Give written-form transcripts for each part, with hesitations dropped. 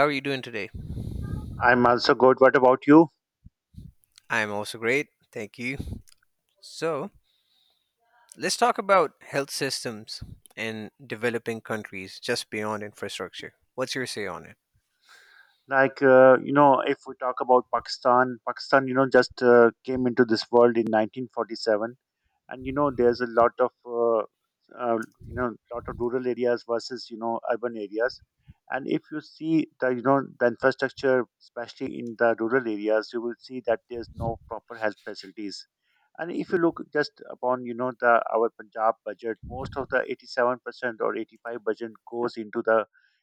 How are you doing today? I'm also good. What about you? I'm also great. Thank you. So, let's talk about health systems in developing countries just beyond infrastructure. What's your say on it? Like, if we talk about Pakistan, just came into this world in 1947. And there's a lot of uh, lot of rural areas versus urban areas. And if you see the you know the infrastructure, especially in the rural areas, you will see that there's no proper health facilities. And if you look just upon the our Punjab budget, most of the 87% or 85 budget goes into the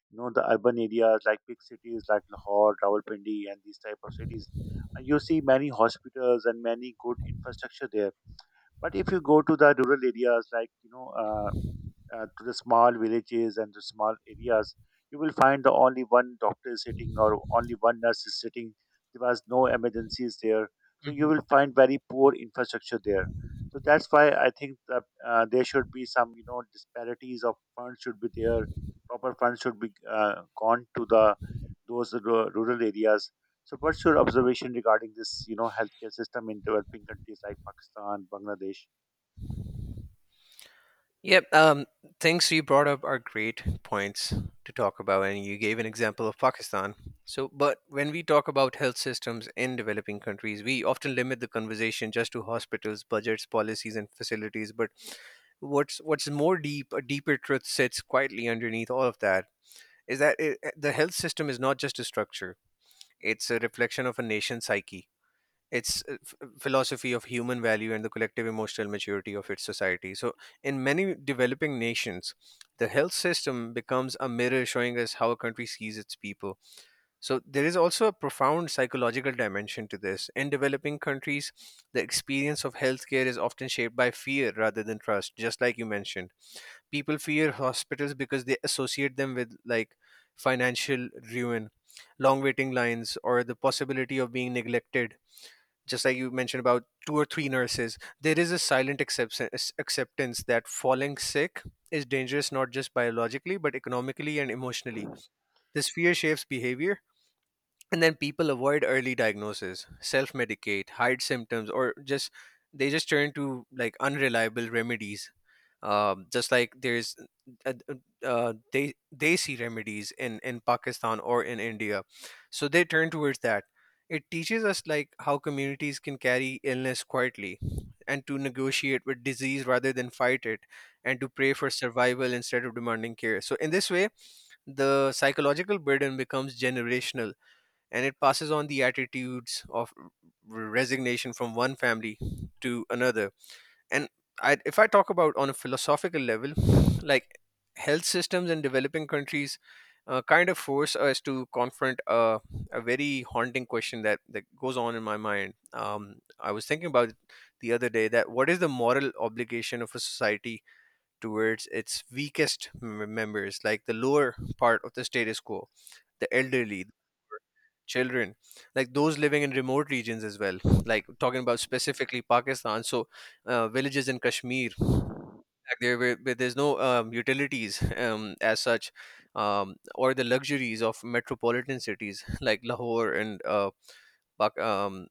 you know the urban areas, like big cities like Lahore, Rawalpindi, and these type of cities. And you see many hospitals and many good infrastructure there. But if you go to the rural areas, to the small villages and the small areas, you will find the only one doctor is sitting or only one nurse is sitting. There was no emergencies there, so you Mhm. will find very poor infrastructure there. So that's why I think that there should be some disparities of funds should be there. Proper funds should be gone to the rural areas. So, what's your observation regarding this, healthcare system in developing countries like Pakistan, Bangladesh? Yep, things you brought up are great points to talk about, and you gave an example of Pakistan. So, but when we talk about health systems in developing countries, we often limit the conversation just to hospitals, budgets, policies, and facilities. But what's more deep, a deeper truth sits quietly underneath all of that is that the health system is not just a structure, it's a reflection of a nation's psyche. It's a philosophy of human value and the collective emotional maturity of its society. So, in many developing nations, the health system becomes a mirror showing us how a country sees its people. So, there is also a profound psychological dimension to this. In developing countries, the experience of healthcare is often shaped by fear rather than trust, just like you mentioned. People fear hospitals because they associate them with, like, financial ruin, long waiting lines, or the possibility of being neglected. Just like you mentioned about two or three nurses, there is a silent acceptance that falling sick is dangerous, not just biologically but economically and emotionally. This fear shapes behavior, and then people avoid early diagnosis, self medicate, hide symptoms, or just they just turn to, like, unreliable remedies. Just like there's desi remedies in Pakistan or in India. So they turn towards that. It teaches us, like, how communities can carry illness quietly, and to negotiate with disease rather than fight it, and to pray for survival instead of demanding care. So in this way, the psychological burden becomes generational, and it passes on the attitudes of resignation from one family to another. And if I talk about on a philosophical level, like, health systems in developing countries kind of force us to confront a very haunting question that goes on in my mind. I was thinking about it the other day, that what is the moral obligation of a society towards its weakest members, like the lower part of the status quo, the elderly, children, like those living in remote regions as well, like talking about specifically Pakistan. So, villages in Kashmir, like, there were but there's no utilities as such, or the luxuries of metropolitan cities like Lahore and Pak- um,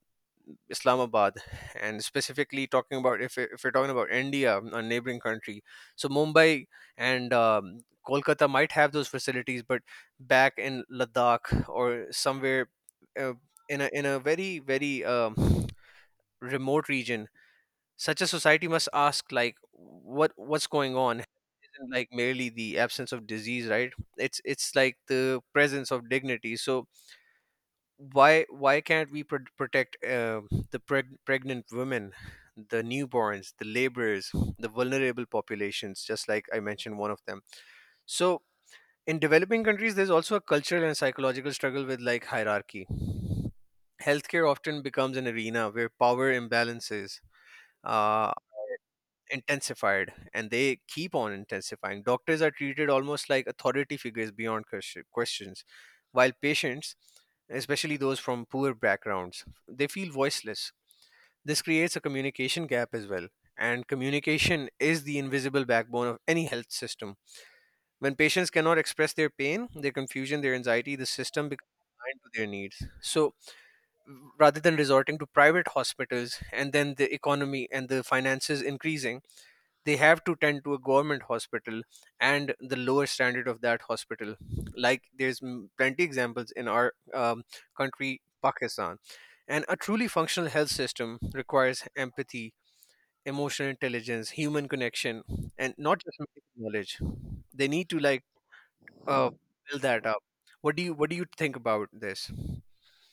Islamabad. And specifically talking about, if if we're talking about India, a neighboring country, so Mumbai and Kolkata might have those facilities, but back in Ladakh or somewhere uh, in a very very remote region, such a society must ask, like, what's going on. Like, merely the absence of disease, right? It's like the presence of dignity. So why can't we protect the pregnant women, the newborns, the laborers, the vulnerable populations, just like I mentioned one of them. So in developing countries, there's also a cultural and psychological struggle with, like, hierarchy. Healthcare often becomes an arena where power imbalances uh, intensified, and they keep on intensifying. Doctors are treated almost like authority figures beyond questions, while patients, especially those from poor backgrounds, they feel voiceless. This creates a communication gap as well. And communication is the invisible backbone of any health system. When patients cannot express their pain, their confusion, their anxiety, the system becomes blind to their needs. So rather than resorting to private hospitals and then the economy and the finances increasing, they have to tend to a government hospital and the lower standard of that hospital. Like, there's plenty examples in our country Pakistan. And a truly functional health system requires empathy, emotional intelligence, human connection, and not just medical knowledge. They need to, like, uh, build that up. What do you think about this?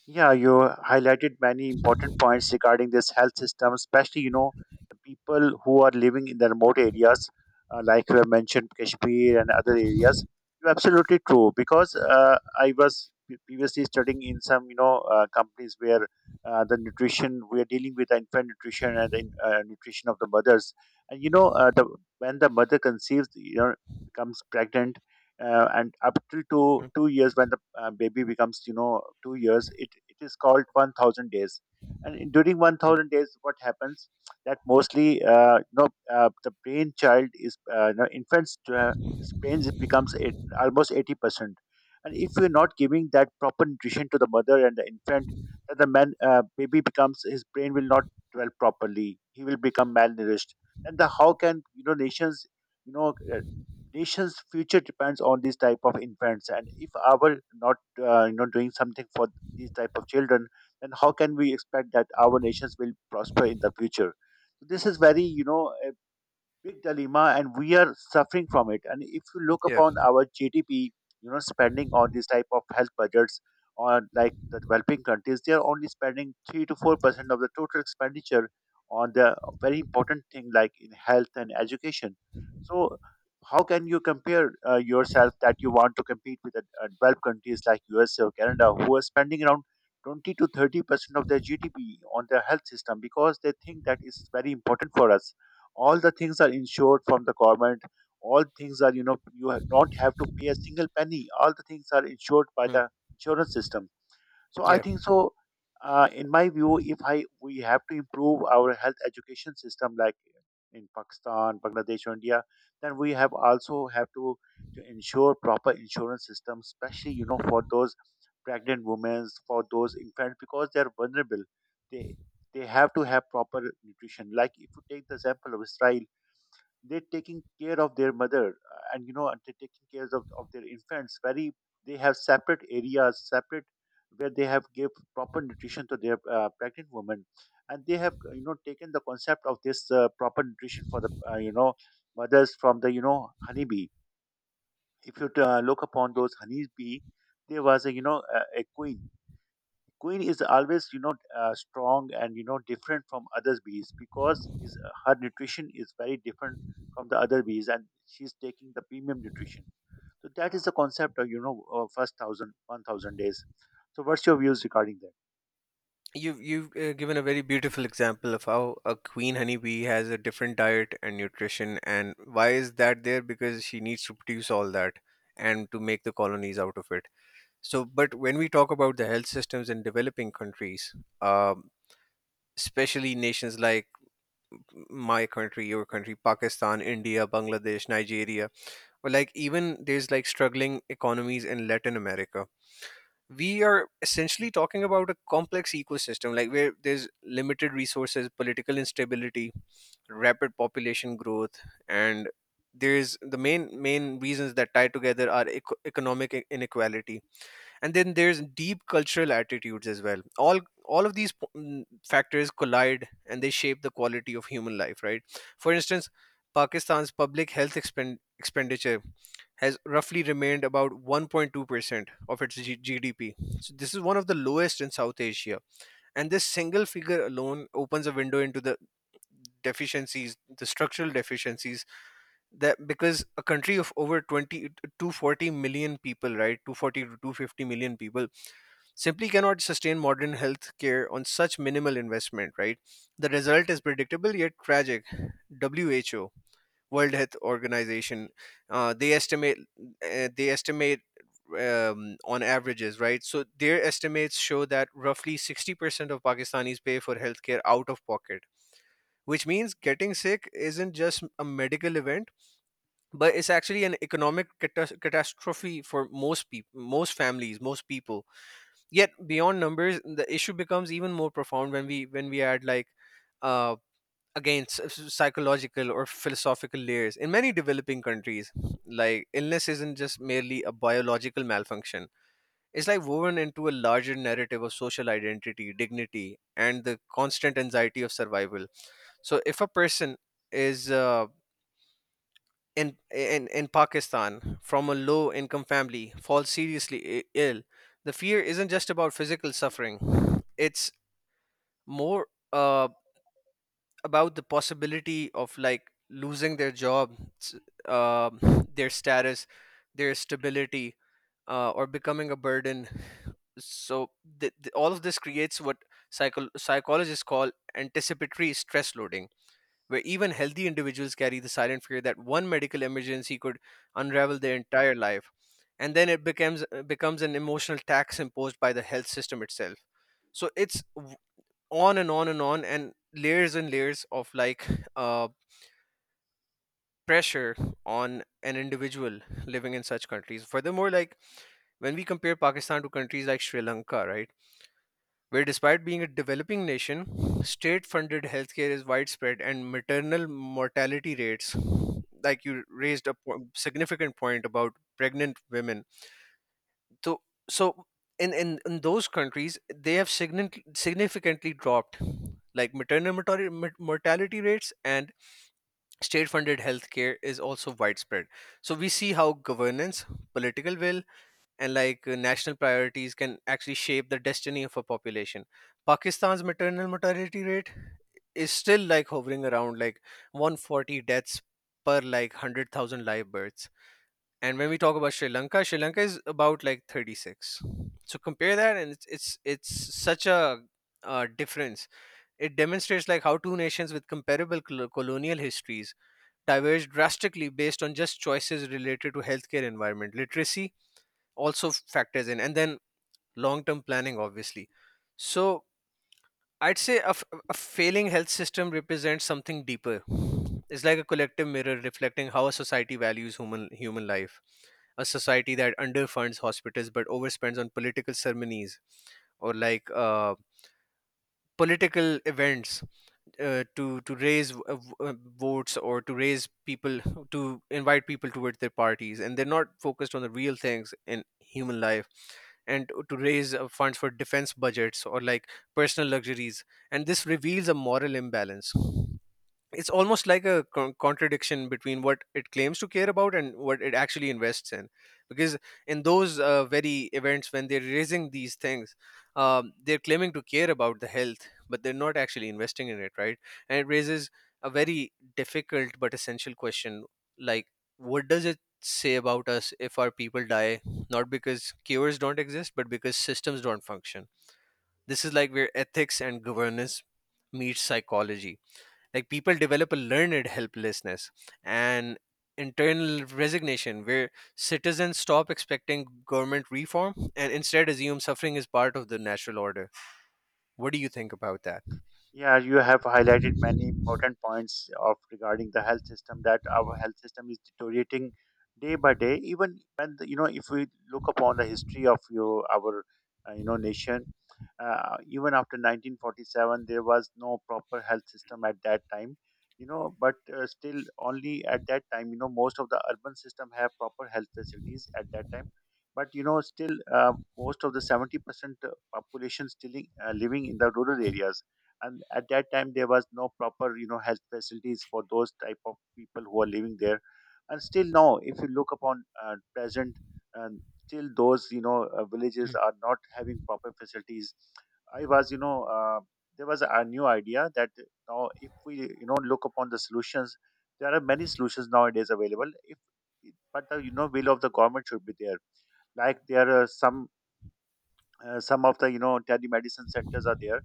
Yeah, you highlighted many important points regarding this health system, especially, the people who are living in the remote areas, like you have mentioned, Kashmir and other areas. You're absolutely true because I was previously studying in some, companies where the nutrition, we are dealing with the infant nutrition and the nutrition of the mothers. And, when the mother conceives, becomes pregnant, and up till two Mhm. two years, when the baby becomes, 2 years, it is called 1,000 days. And during Mm. 1,000 days what happens, that mostly the brain child is, infants brains becomes eight, almost 80%. And if you're not giving that proper nutrition to the mother and the infant, then the man baby becomes, his brain will not develop properly, he will become malnourished. And the how can, nations, you know uh, nation's future depends on these type of infants. And if our not doing something for these type of children, then how can we expect that our nations will prosper in the future? So this is very, a big dilemma and we are suffering from it. And if you look Yeah. upon our GDP, spending on this type of health budgets, on like the developing countries, they are only spending 3 to 4% of the total expenditure on the very important thing like in health and education. So how can you compare yourself that you want to compete with the developed countries like USA or Canada, who are spending around 20 to 30% of their GDP on their health system, because they think that is very important for us. All the things are insured from the government, all things are, you don't have to pay a single penny, all the things are insured by Mm. the insurance system. So I Yeah. think so. In my view, if I we have to improve our health education system, like in Pakistan, Bangladesh, or India, then we have also have to ensure proper insurance system, especially for those pregnant women, for those infants, because they are vulnerable. They they have to have proper nutrition. Like if you take the example of Israel, they're taking care of their mother, and you know and they're taking care of their infants, very, they have separate areas, separate, where they have give proper nutrition to their pregnant women. And they have, taken the concept of this proper nutrition for the mothers from the honeybee. If you look upon those honeybee, there was a queen is always, strong, and different from other bees, because her nutrition is very different from the other bees, and she's taking the premium nutrition. So that is the concept of, first thousand one thousand days. So what's your views regarding that? You've given a very beautiful example of how a queen honeybee has a different diet and nutrition, and why is that there? Because she needs to produce all that and to make the colonies out of it. So, but when we talk about the health systems in developing countries, um, especially nations like my country, your country, Pakistan, India, Bangladesh, Nigeria, or, like, even there's, like, struggling economies in Latin America, we are essentially talking about a complex ecosystem, like, where there's limited resources, political instability, rapid population growth, and there's the main reasons that tie together are economic inequality, and then there's deep cultural attitudes as well. All of these factors collide, and they shape the quality of human life, right? For instance, Pakistan's public health expenditure has roughly remained about 1.2% of its GDP. So this is one of the lowest in South Asia. And this single figure alone opens a window into the deficiencies, the structural deficiencies, that because a country of over 20 240 million people, right, 240 to 250 million people simply cannot sustain modern health care on such minimal investment, right? The result is predictable yet tragic. WHO, World Health Organization. Uh, they estimate they estimate, on averages, right? So their estimates show that roughly 60% of Pakistanis pay for healthcare out of pocket, which means getting sick isn't just a medical event, but it's actually an economic catastrophe for most people, most families, most people. Yet beyond numbers, the issue becomes even more profound when we add, like. Uh, against psychological or philosophical layers. In many developing countries, like, illness isn't just merely a biological malfunction, it's, like, woven into a larger narrative of social identity, dignity, and the constant anxiety of survival. So if a person is in Pakistan from a low income family falls seriously ill, the fear isn't just about physical suffering. It's more uh, about the possibility of, like, losing their job, s- um, their status, their stability, or becoming a burden. So all of this creates what psychologists call anticipatory stress loading, where even healthy individuals carry the silent fear that one medical emergency could unravel their entire life, and then it becomes an emotional tax imposed by the health system itself. So it's on and on and on, and layers of, like, uh pressure on an individual living in such countries. Furthermore, like, when we compare Pakistan to countries like Sri Lanka, right, where despite being a developing nation, state funded healthcare is widespread and maternal mortality rates, like you raised a significant point about pregnant women. So, so, in those countries, they have significantly dropped, like, maternal mortality rates, and state funded healthcare is also widespread. So we see how governance, political will, and, like, national priorities can actually shape the destiny of a population. Pakistan's maternal mortality rate is still, like, hovering around, like, 140 deaths per, like, 100,000 live births, and when we talk about Sri Lanka, Sri Lanka is about, like, 36. So compare that, and it's such a difference. It demonstrates, like, how two nations with comparable colonial histories diverge drastically based on just choices related to healthcare, environment, literacy also factors in, and then long-term planning, obviously. So I'd say a failing health system represents something deeper. It's like a collective mirror reflecting how a society values human life. A society that underfunds hospitals but overspends on political ceremonies, or, like, political events, to raise votes, or to raise people, to invite people towards their parties, and they're not focused on the real things in human life, and to raise funds for defense budgets, or, like, personal luxuries. And this reveals a moral imbalance. It's almost like a contradiction between what it claims to care about and what it actually invests in, because in those very events, when they're raising these things, they're claiming to care about the health, but they're not actually investing in it, right? And it raises a very difficult but essential question, like, what does it say about us if our people die, not because cures don't exist, but because systems don't function? This is, like, where ethics and governance meet psychology. Like, people develop a learned helplessness and internal resignation, where citizens stop expecting government reform and instead assume suffering is part of the natural order. What do you think about that? Yeah, you have highlighted many important points of regarding the health system, that our health system is deteriorating day by day, even when the, you know if we look upon the history of your our, nation, even after 1947 there was no proper health system at that time. But still, only at that time, most of the urban system have proper health facilities at that time. But still, most of the 70% population still, living in the rural areas. And at that time there was no proper, health facilities for those type of people who are living there. And still now, if you look upon present, uh, still those, villages are not having proper facilities. I was, there was a new idea that now, if we look upon the solutions, there are many solutions nowadays available, if but the will of the government should be there. Like there are some, some of the telemedicine centers are there,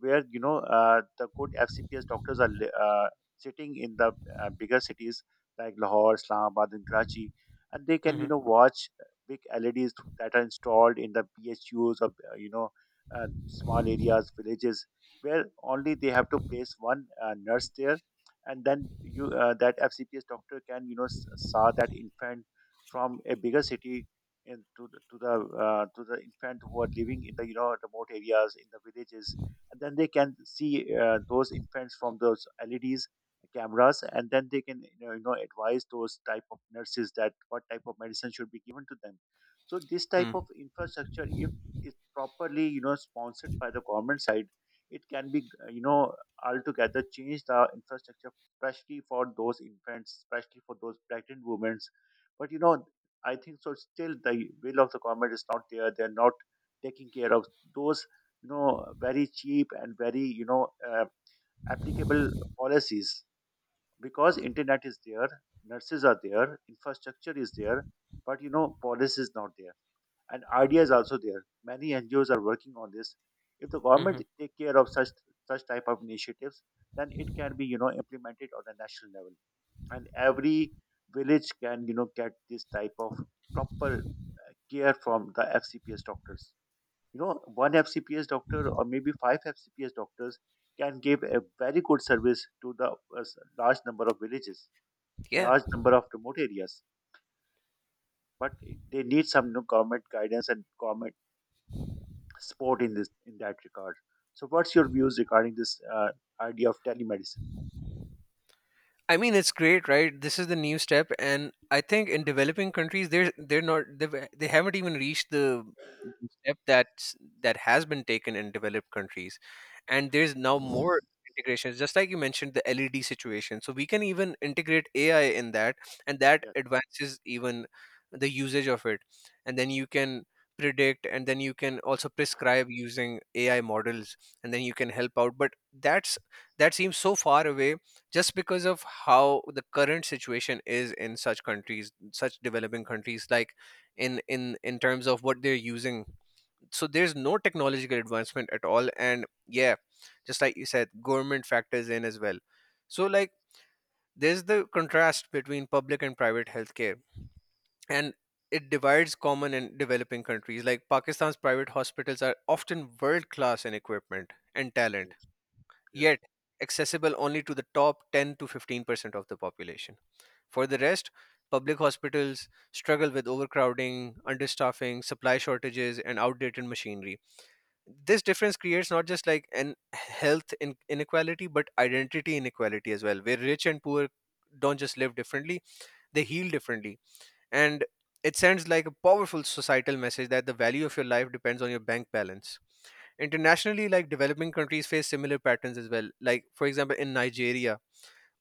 where, the good FCPS doctors are sitting in the bigger cities like Lahore, Islamabad, and Karachi, and they can Mm-hmm. Watch big LEDs that are installed in the PHUs of, small areas villages, where only they have to place one nurse there. And then you that FCPS doctor can, saw that infant from a bigger city, in to the to the infant who are living in the, remote areas in the villages, and then they can see those infants from those LEDs cameras, and then they can, advise those type of nurses that what type of medicine should be given to them. So this type of infrastructure, if it's properly, sponsored by the government side, it can be, altogether change the infrastructure, especially for those infants, especially for those pregnant women. But I think so. Still, the will of the government is not there. They're not taking care of those, very cheap and very, applicable policies, because internet is there, nurses are there, infrastructure is there, but, policy is not there, and idea is also there. Many NGOs are working on this. If the government Mm-hmm. take care of such type of initiatives, then it can be, implemented on a national level, and every village can get this type of proper care from the FCPS doctors. One FCPS doctor or maybe five FCPS doctors can give a very good service to the large number of villages, Yeah, large number of remote areas. But they need some, government guidance and government support in this in that regard. So what's your views regarding this idea of telemedicine? I mean, it's great, right? This is the new step, and I think in developing countries, they're not, they haven't even reached the step that has been taken in developed countries, and there's now more integrations. Just like you mentioned, the LED situation, so we can even integrate AI in that, and that Yes. advances even the usage of it. And then you can predict, and then you can also prescribe using AI models, and then you can help out, but that seems so far away just because of how the current situation is in such countries, such developing countries, like in terms of what they're using. So there's no technological advancement at all. And yeah, just like you said, government factors in as well. So like, there's the contrast between public and private healthcare, and it divides common and developing countries. Like Pakistan's private hospitals are often world class in equipment and talent, Yes. Yes. yet accessible only to the top 10 to 15% of the population. For the rest, public hospitals struggle with overcrowding, understaffing, supply shortages, and outdated machinery. This difference creates not just like an inequality, but identity inequality as well, where rich and poor don't just live differently, they heal differently. And it sends like a powerful societal message that the value of your life depends on your bank balance. Internationally, like developing countries face similar patterns as well. Like, for example, in Nigeria,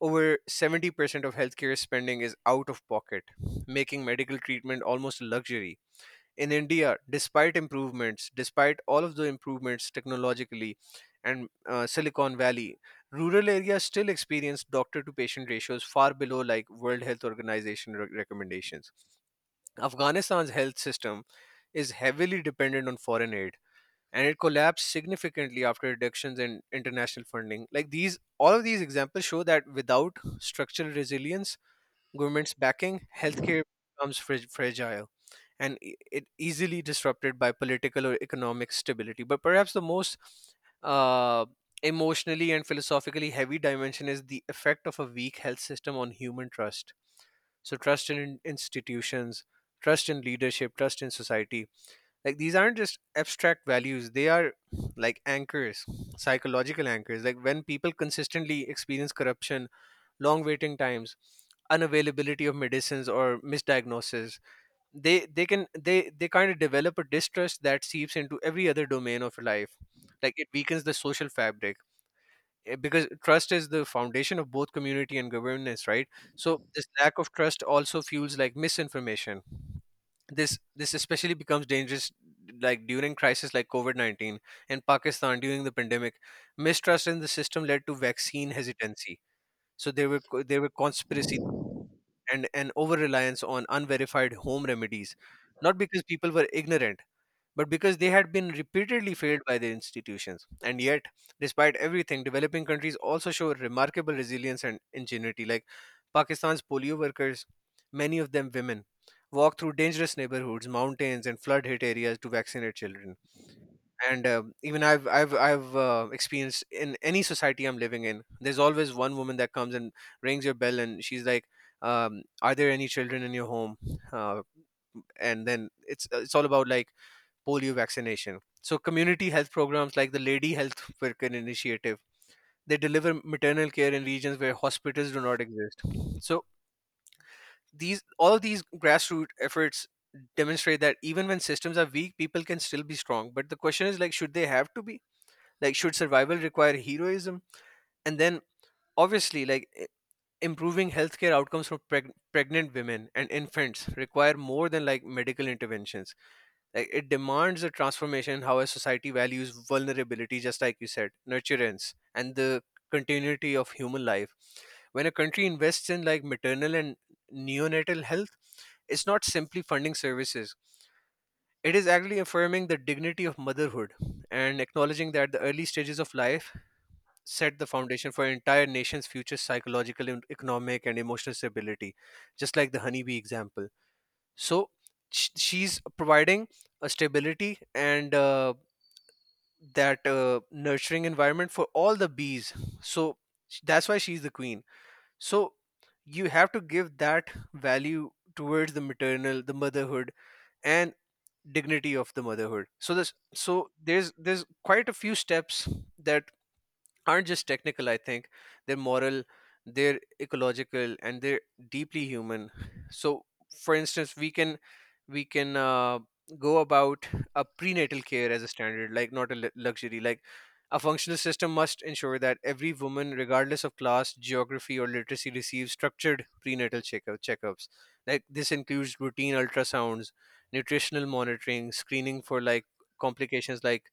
over 70% of healthcare spending is out of pocket, making medical treatment almost a luxury. In India, despite improvements, despite all of the improvements technologically and Silicon Valley, rural areas still experience doctor to patient ratios far below like World Health Organization recommendations. Afghanistan's health system is heavily dependent on foreign aid, and it collapsed significantly after reductions in international funding. Like these, all of these examples show that without structural resilience, government's backing, healthcare becomes fragile and it easily disrupted by political or economic stability. But perhaps the most uh, emotionally and philosophically heavy dimension is the effect of a weak health system on human trust. So trust in institutions, trust in leadership, trust in society, like these aren't just abstract values, they are like anchors, psychological anchors. Like, when people consistently experience corruption, long waiting times, unavailability of medicines, or misdiagnosis, they can they kind of develop a distrust that seeps into every other domain of life. Like, it weakens the social fabric, because trust is the foundation of both community and governance, right? So this lack of trust also fuels like misinformation. This especially becomes dangerous like during crisis like covid-19. In Pakistan, during the pandemic, mistrust in the system led to vaccine hesitancy. So there were there were conspiracy, and over reliance on unverified home remedies, not because people were ignorant, but because they had been repeatedly failed by their institutions. And yet, despite everything, developing countries also show remarkable resilience and ingenuity. Like Pakistan's polio workers, many of them women, walk through dangerous neighborhoods, mountains, and flood hit areas to vaccinate children. And even I've experienced in any society I'm living in, there's always one woman that comes and rings your bell, and she's like, are there any children in your home? Uh, and then it's all about like polio vaccination. So community health programs like the Lady Health Worker Initiative, they deliver maternal care in regions where hospitals do not exist. So these all these grassroots efforts demonstrate that even when systems are weak, people can still be strong. But the question is, like, should they have to be? Like, should survival require heroism? And then obviously, like, improving healthcare outcomes for pregnant women and infants require more than like medical interventions. Like, it demands a transformation in how a society values vulnerability, just like you said, nurturance, and the continuity of human life. When a country invests in like maternal and neonatal health, it's not simply funding services. It is actually affirming the dignity of motherhood and acknowledging that the early stages of life set the foundation for an entire nation's future psychological, and economic, and emotional stability, just like the honeybee example. So she's providing a stability and that nurturing environment for all the bees. So that's why she's the queen. So you have to give that value towards the maternal, the motherhood, and dignity of the motherhood. So this, so there's quite a few steps that aren't just technical, I think. They're moral, they're ecological, and they're deeply human. So for instance, we can go about a prenatal care as a standard, like not a luxury. Like a functional system must ensure that every woman, regardless of class, geography, or literacy, receives structured prenatal checkups like this. Includes routine ultrasounds, nutritional monitoring, screening for like complications like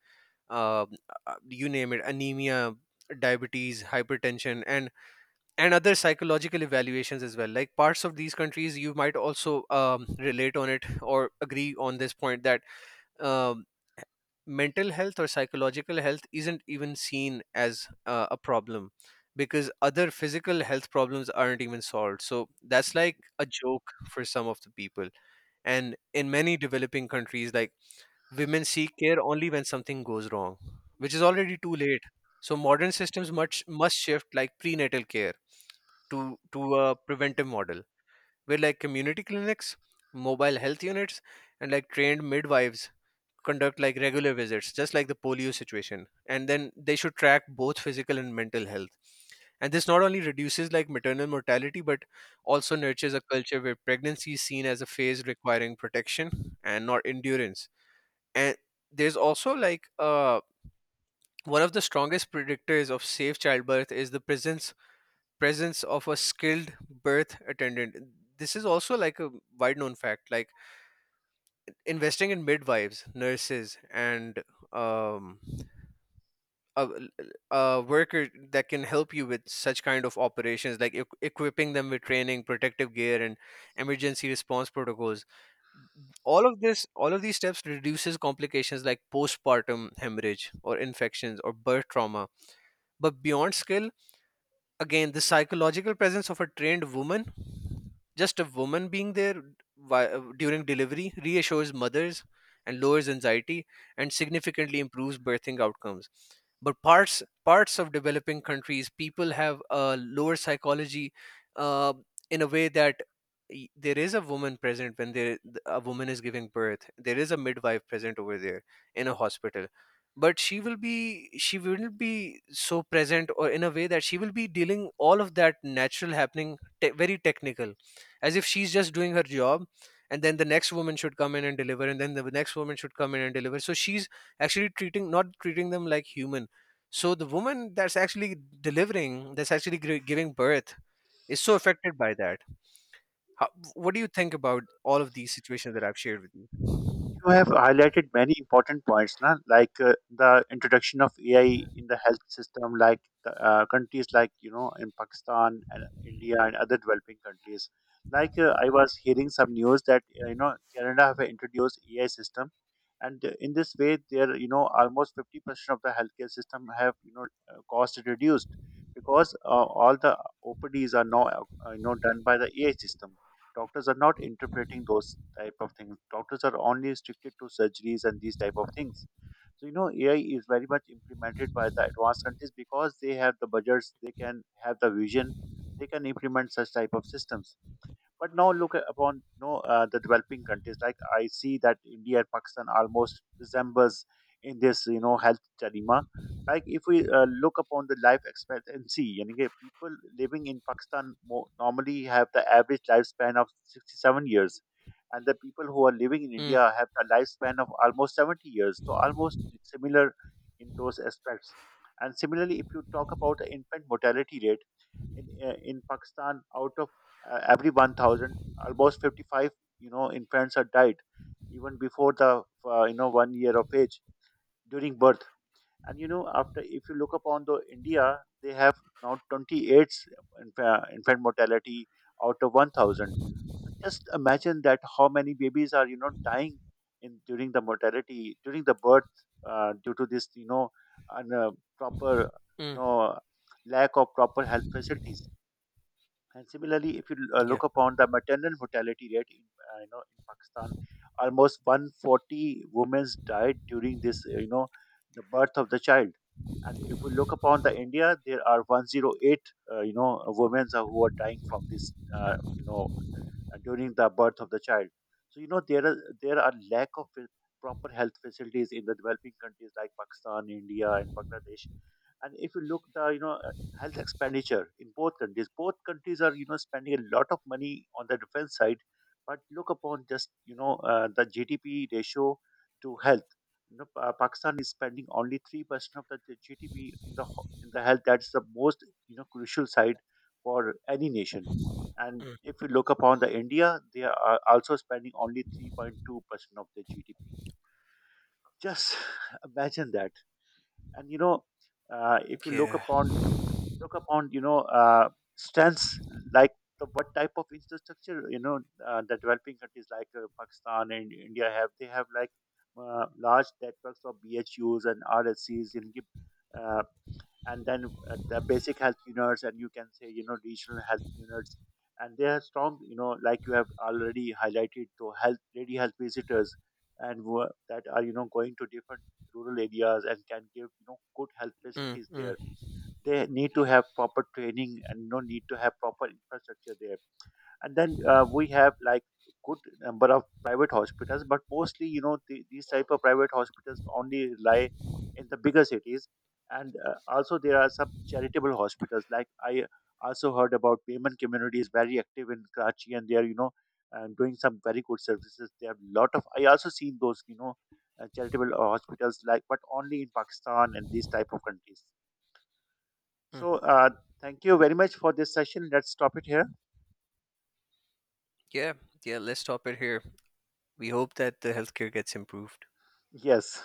um, you name it, anemia, diabetes, hypertension, and other psychological evaluations as well. Like parts of these countries, you might also relate on it or agree on this point that um, mental health or psychological health isn't even seen as a problem because other physical health problems aren't even solved, so that's like a joke for some of the people. And in many developing countries, like, women seek care only when something goes wrong, which is already too late. So modern systems much must shift like prenatal care to a preventive model where like community clinics, mobile health units, and like trained midwives conduct like regular visits, just like the polio situation. And then they should track both physical and mental health, and this not only reduces like maternal mortality, but also nurtures a culture where pregnancy is seen as a phase requiring protection and not endurance. And there's also like one of the strongest predictors of safe childbirth is the presence of a skilled birth attendant. This is also like a wide known fact. Like investing in midwives, nurses, and um, a, a worker that can help you with such kind of operations, like equipping them with training, protective gear, and emergency response protocols. All of these steps reduces complications like postpartum hemorrhage or infections or birth trauma. But beyond skill, again, the psychological presence of a trained woman, just a woman being there during delivery, reassures mothers and lowers anxiety and significantly improves birthing outcomes. But parts of developing countries, people have a lower psychology, uh, in a way that there is a woman present when there a woman is giving birth, there is a midwife present over there in a hospital, but she will be so present, or in a way that she will be dealing all of that natural happening very technical, as if she's just doing her job, and then the next woman should come in and deliver, and then the next woman should come in and deliver. So she's actually treating not treating them like human. So the woman that's actually delivering, that's actually giving birth, is so affected by that. How, what do you think about all of these situations that I've shared with you? You have highlighted many important points, na? Like the introduction of AI in the health system, like countries like in Pakistan and India and other developing countries. Like I was hearing some news that, Canada have introduced AI system, and in this way, there, almost 50% of the healthcare system have, cost reduced, because all the OPDs are now, done by the AI system. Doctors are not interpreting those type of things. Doctors are only restricted to surgeries and these type of things. So, AI is very much implemented by the advanced countries because they have the budgets, they can have the vision, they can implement such type of systems. But now look upon, no the developing countries. Like I see that India and Pakistan almost resembles in this, health dilemma. Like if we look upon the life expectancy, yani कि people living in Pakistan normally have the average lifespan of 67 years, and the people who are living in Mm, India have a lifespan of almost 70 years. So almost similar in those aspects. And similarly, if you talk about the infant mortality rate in Pakistan, out of every 1,000, almost 55, infants are died even before the, 1 year of age during birth. And, you know, after if you look upon the India, they have now 28 infant mortality out of 1,000. So just imagine that how many babies are, dying in during the mortality during the birth, due to this, un, uh, proper, you mm, know lack of proper health facilities. And similarly, if you yeah, look upon the maternal mortality rate, in you know in Pakistan, almost 140 women died during this, the birth of the child. And if we look upon the India, there are 108, women who are dying from this, during the birth of the child. So, there are lack of proper health facilities in the developing countries like Pakistan, India, and Bangladesh. And if you look the, health expenditure in both countries are, spending a lot of money on the defense side, but look upon just, the GDP ratio to health. Pakistan is spending only 3% of the GDP in the in the health. That's the most, crucial side for any nation. And mm, if you look upon the India, they are also spending only 3.2% of their GDP. Just imagine that. And if you look yeah, upon look upon you know uh, strengths, like what type of infrastructure, the developing countries like Pakistan and India have, they have like large networks of BHUs and RSCs in. Uh, and then the basic health units, and you can say, regional health units, and they are strong, like you have already highlighted to health lady health visitors, and that are, going to different rural areas and can give, good health mm, facilities there. mm. They need to have proper training and, need to have proper infrastructure there. And then we have like good number of private hospitals, but mostly, these type of private hospitals only rely in the bigger cities. And also there are some charitable hospitals, like I also heard about payment community is very active in Karachi, and they are, doing some very good services. They have lot of, I also seen those, charitable hospitals like, but only in Pakistan and these type of countries. Mm. So, thank you very much for this session. Let's stop it here. Yeah, yeah, let's stop it here. We hope that the healthcare gets improved. Yes.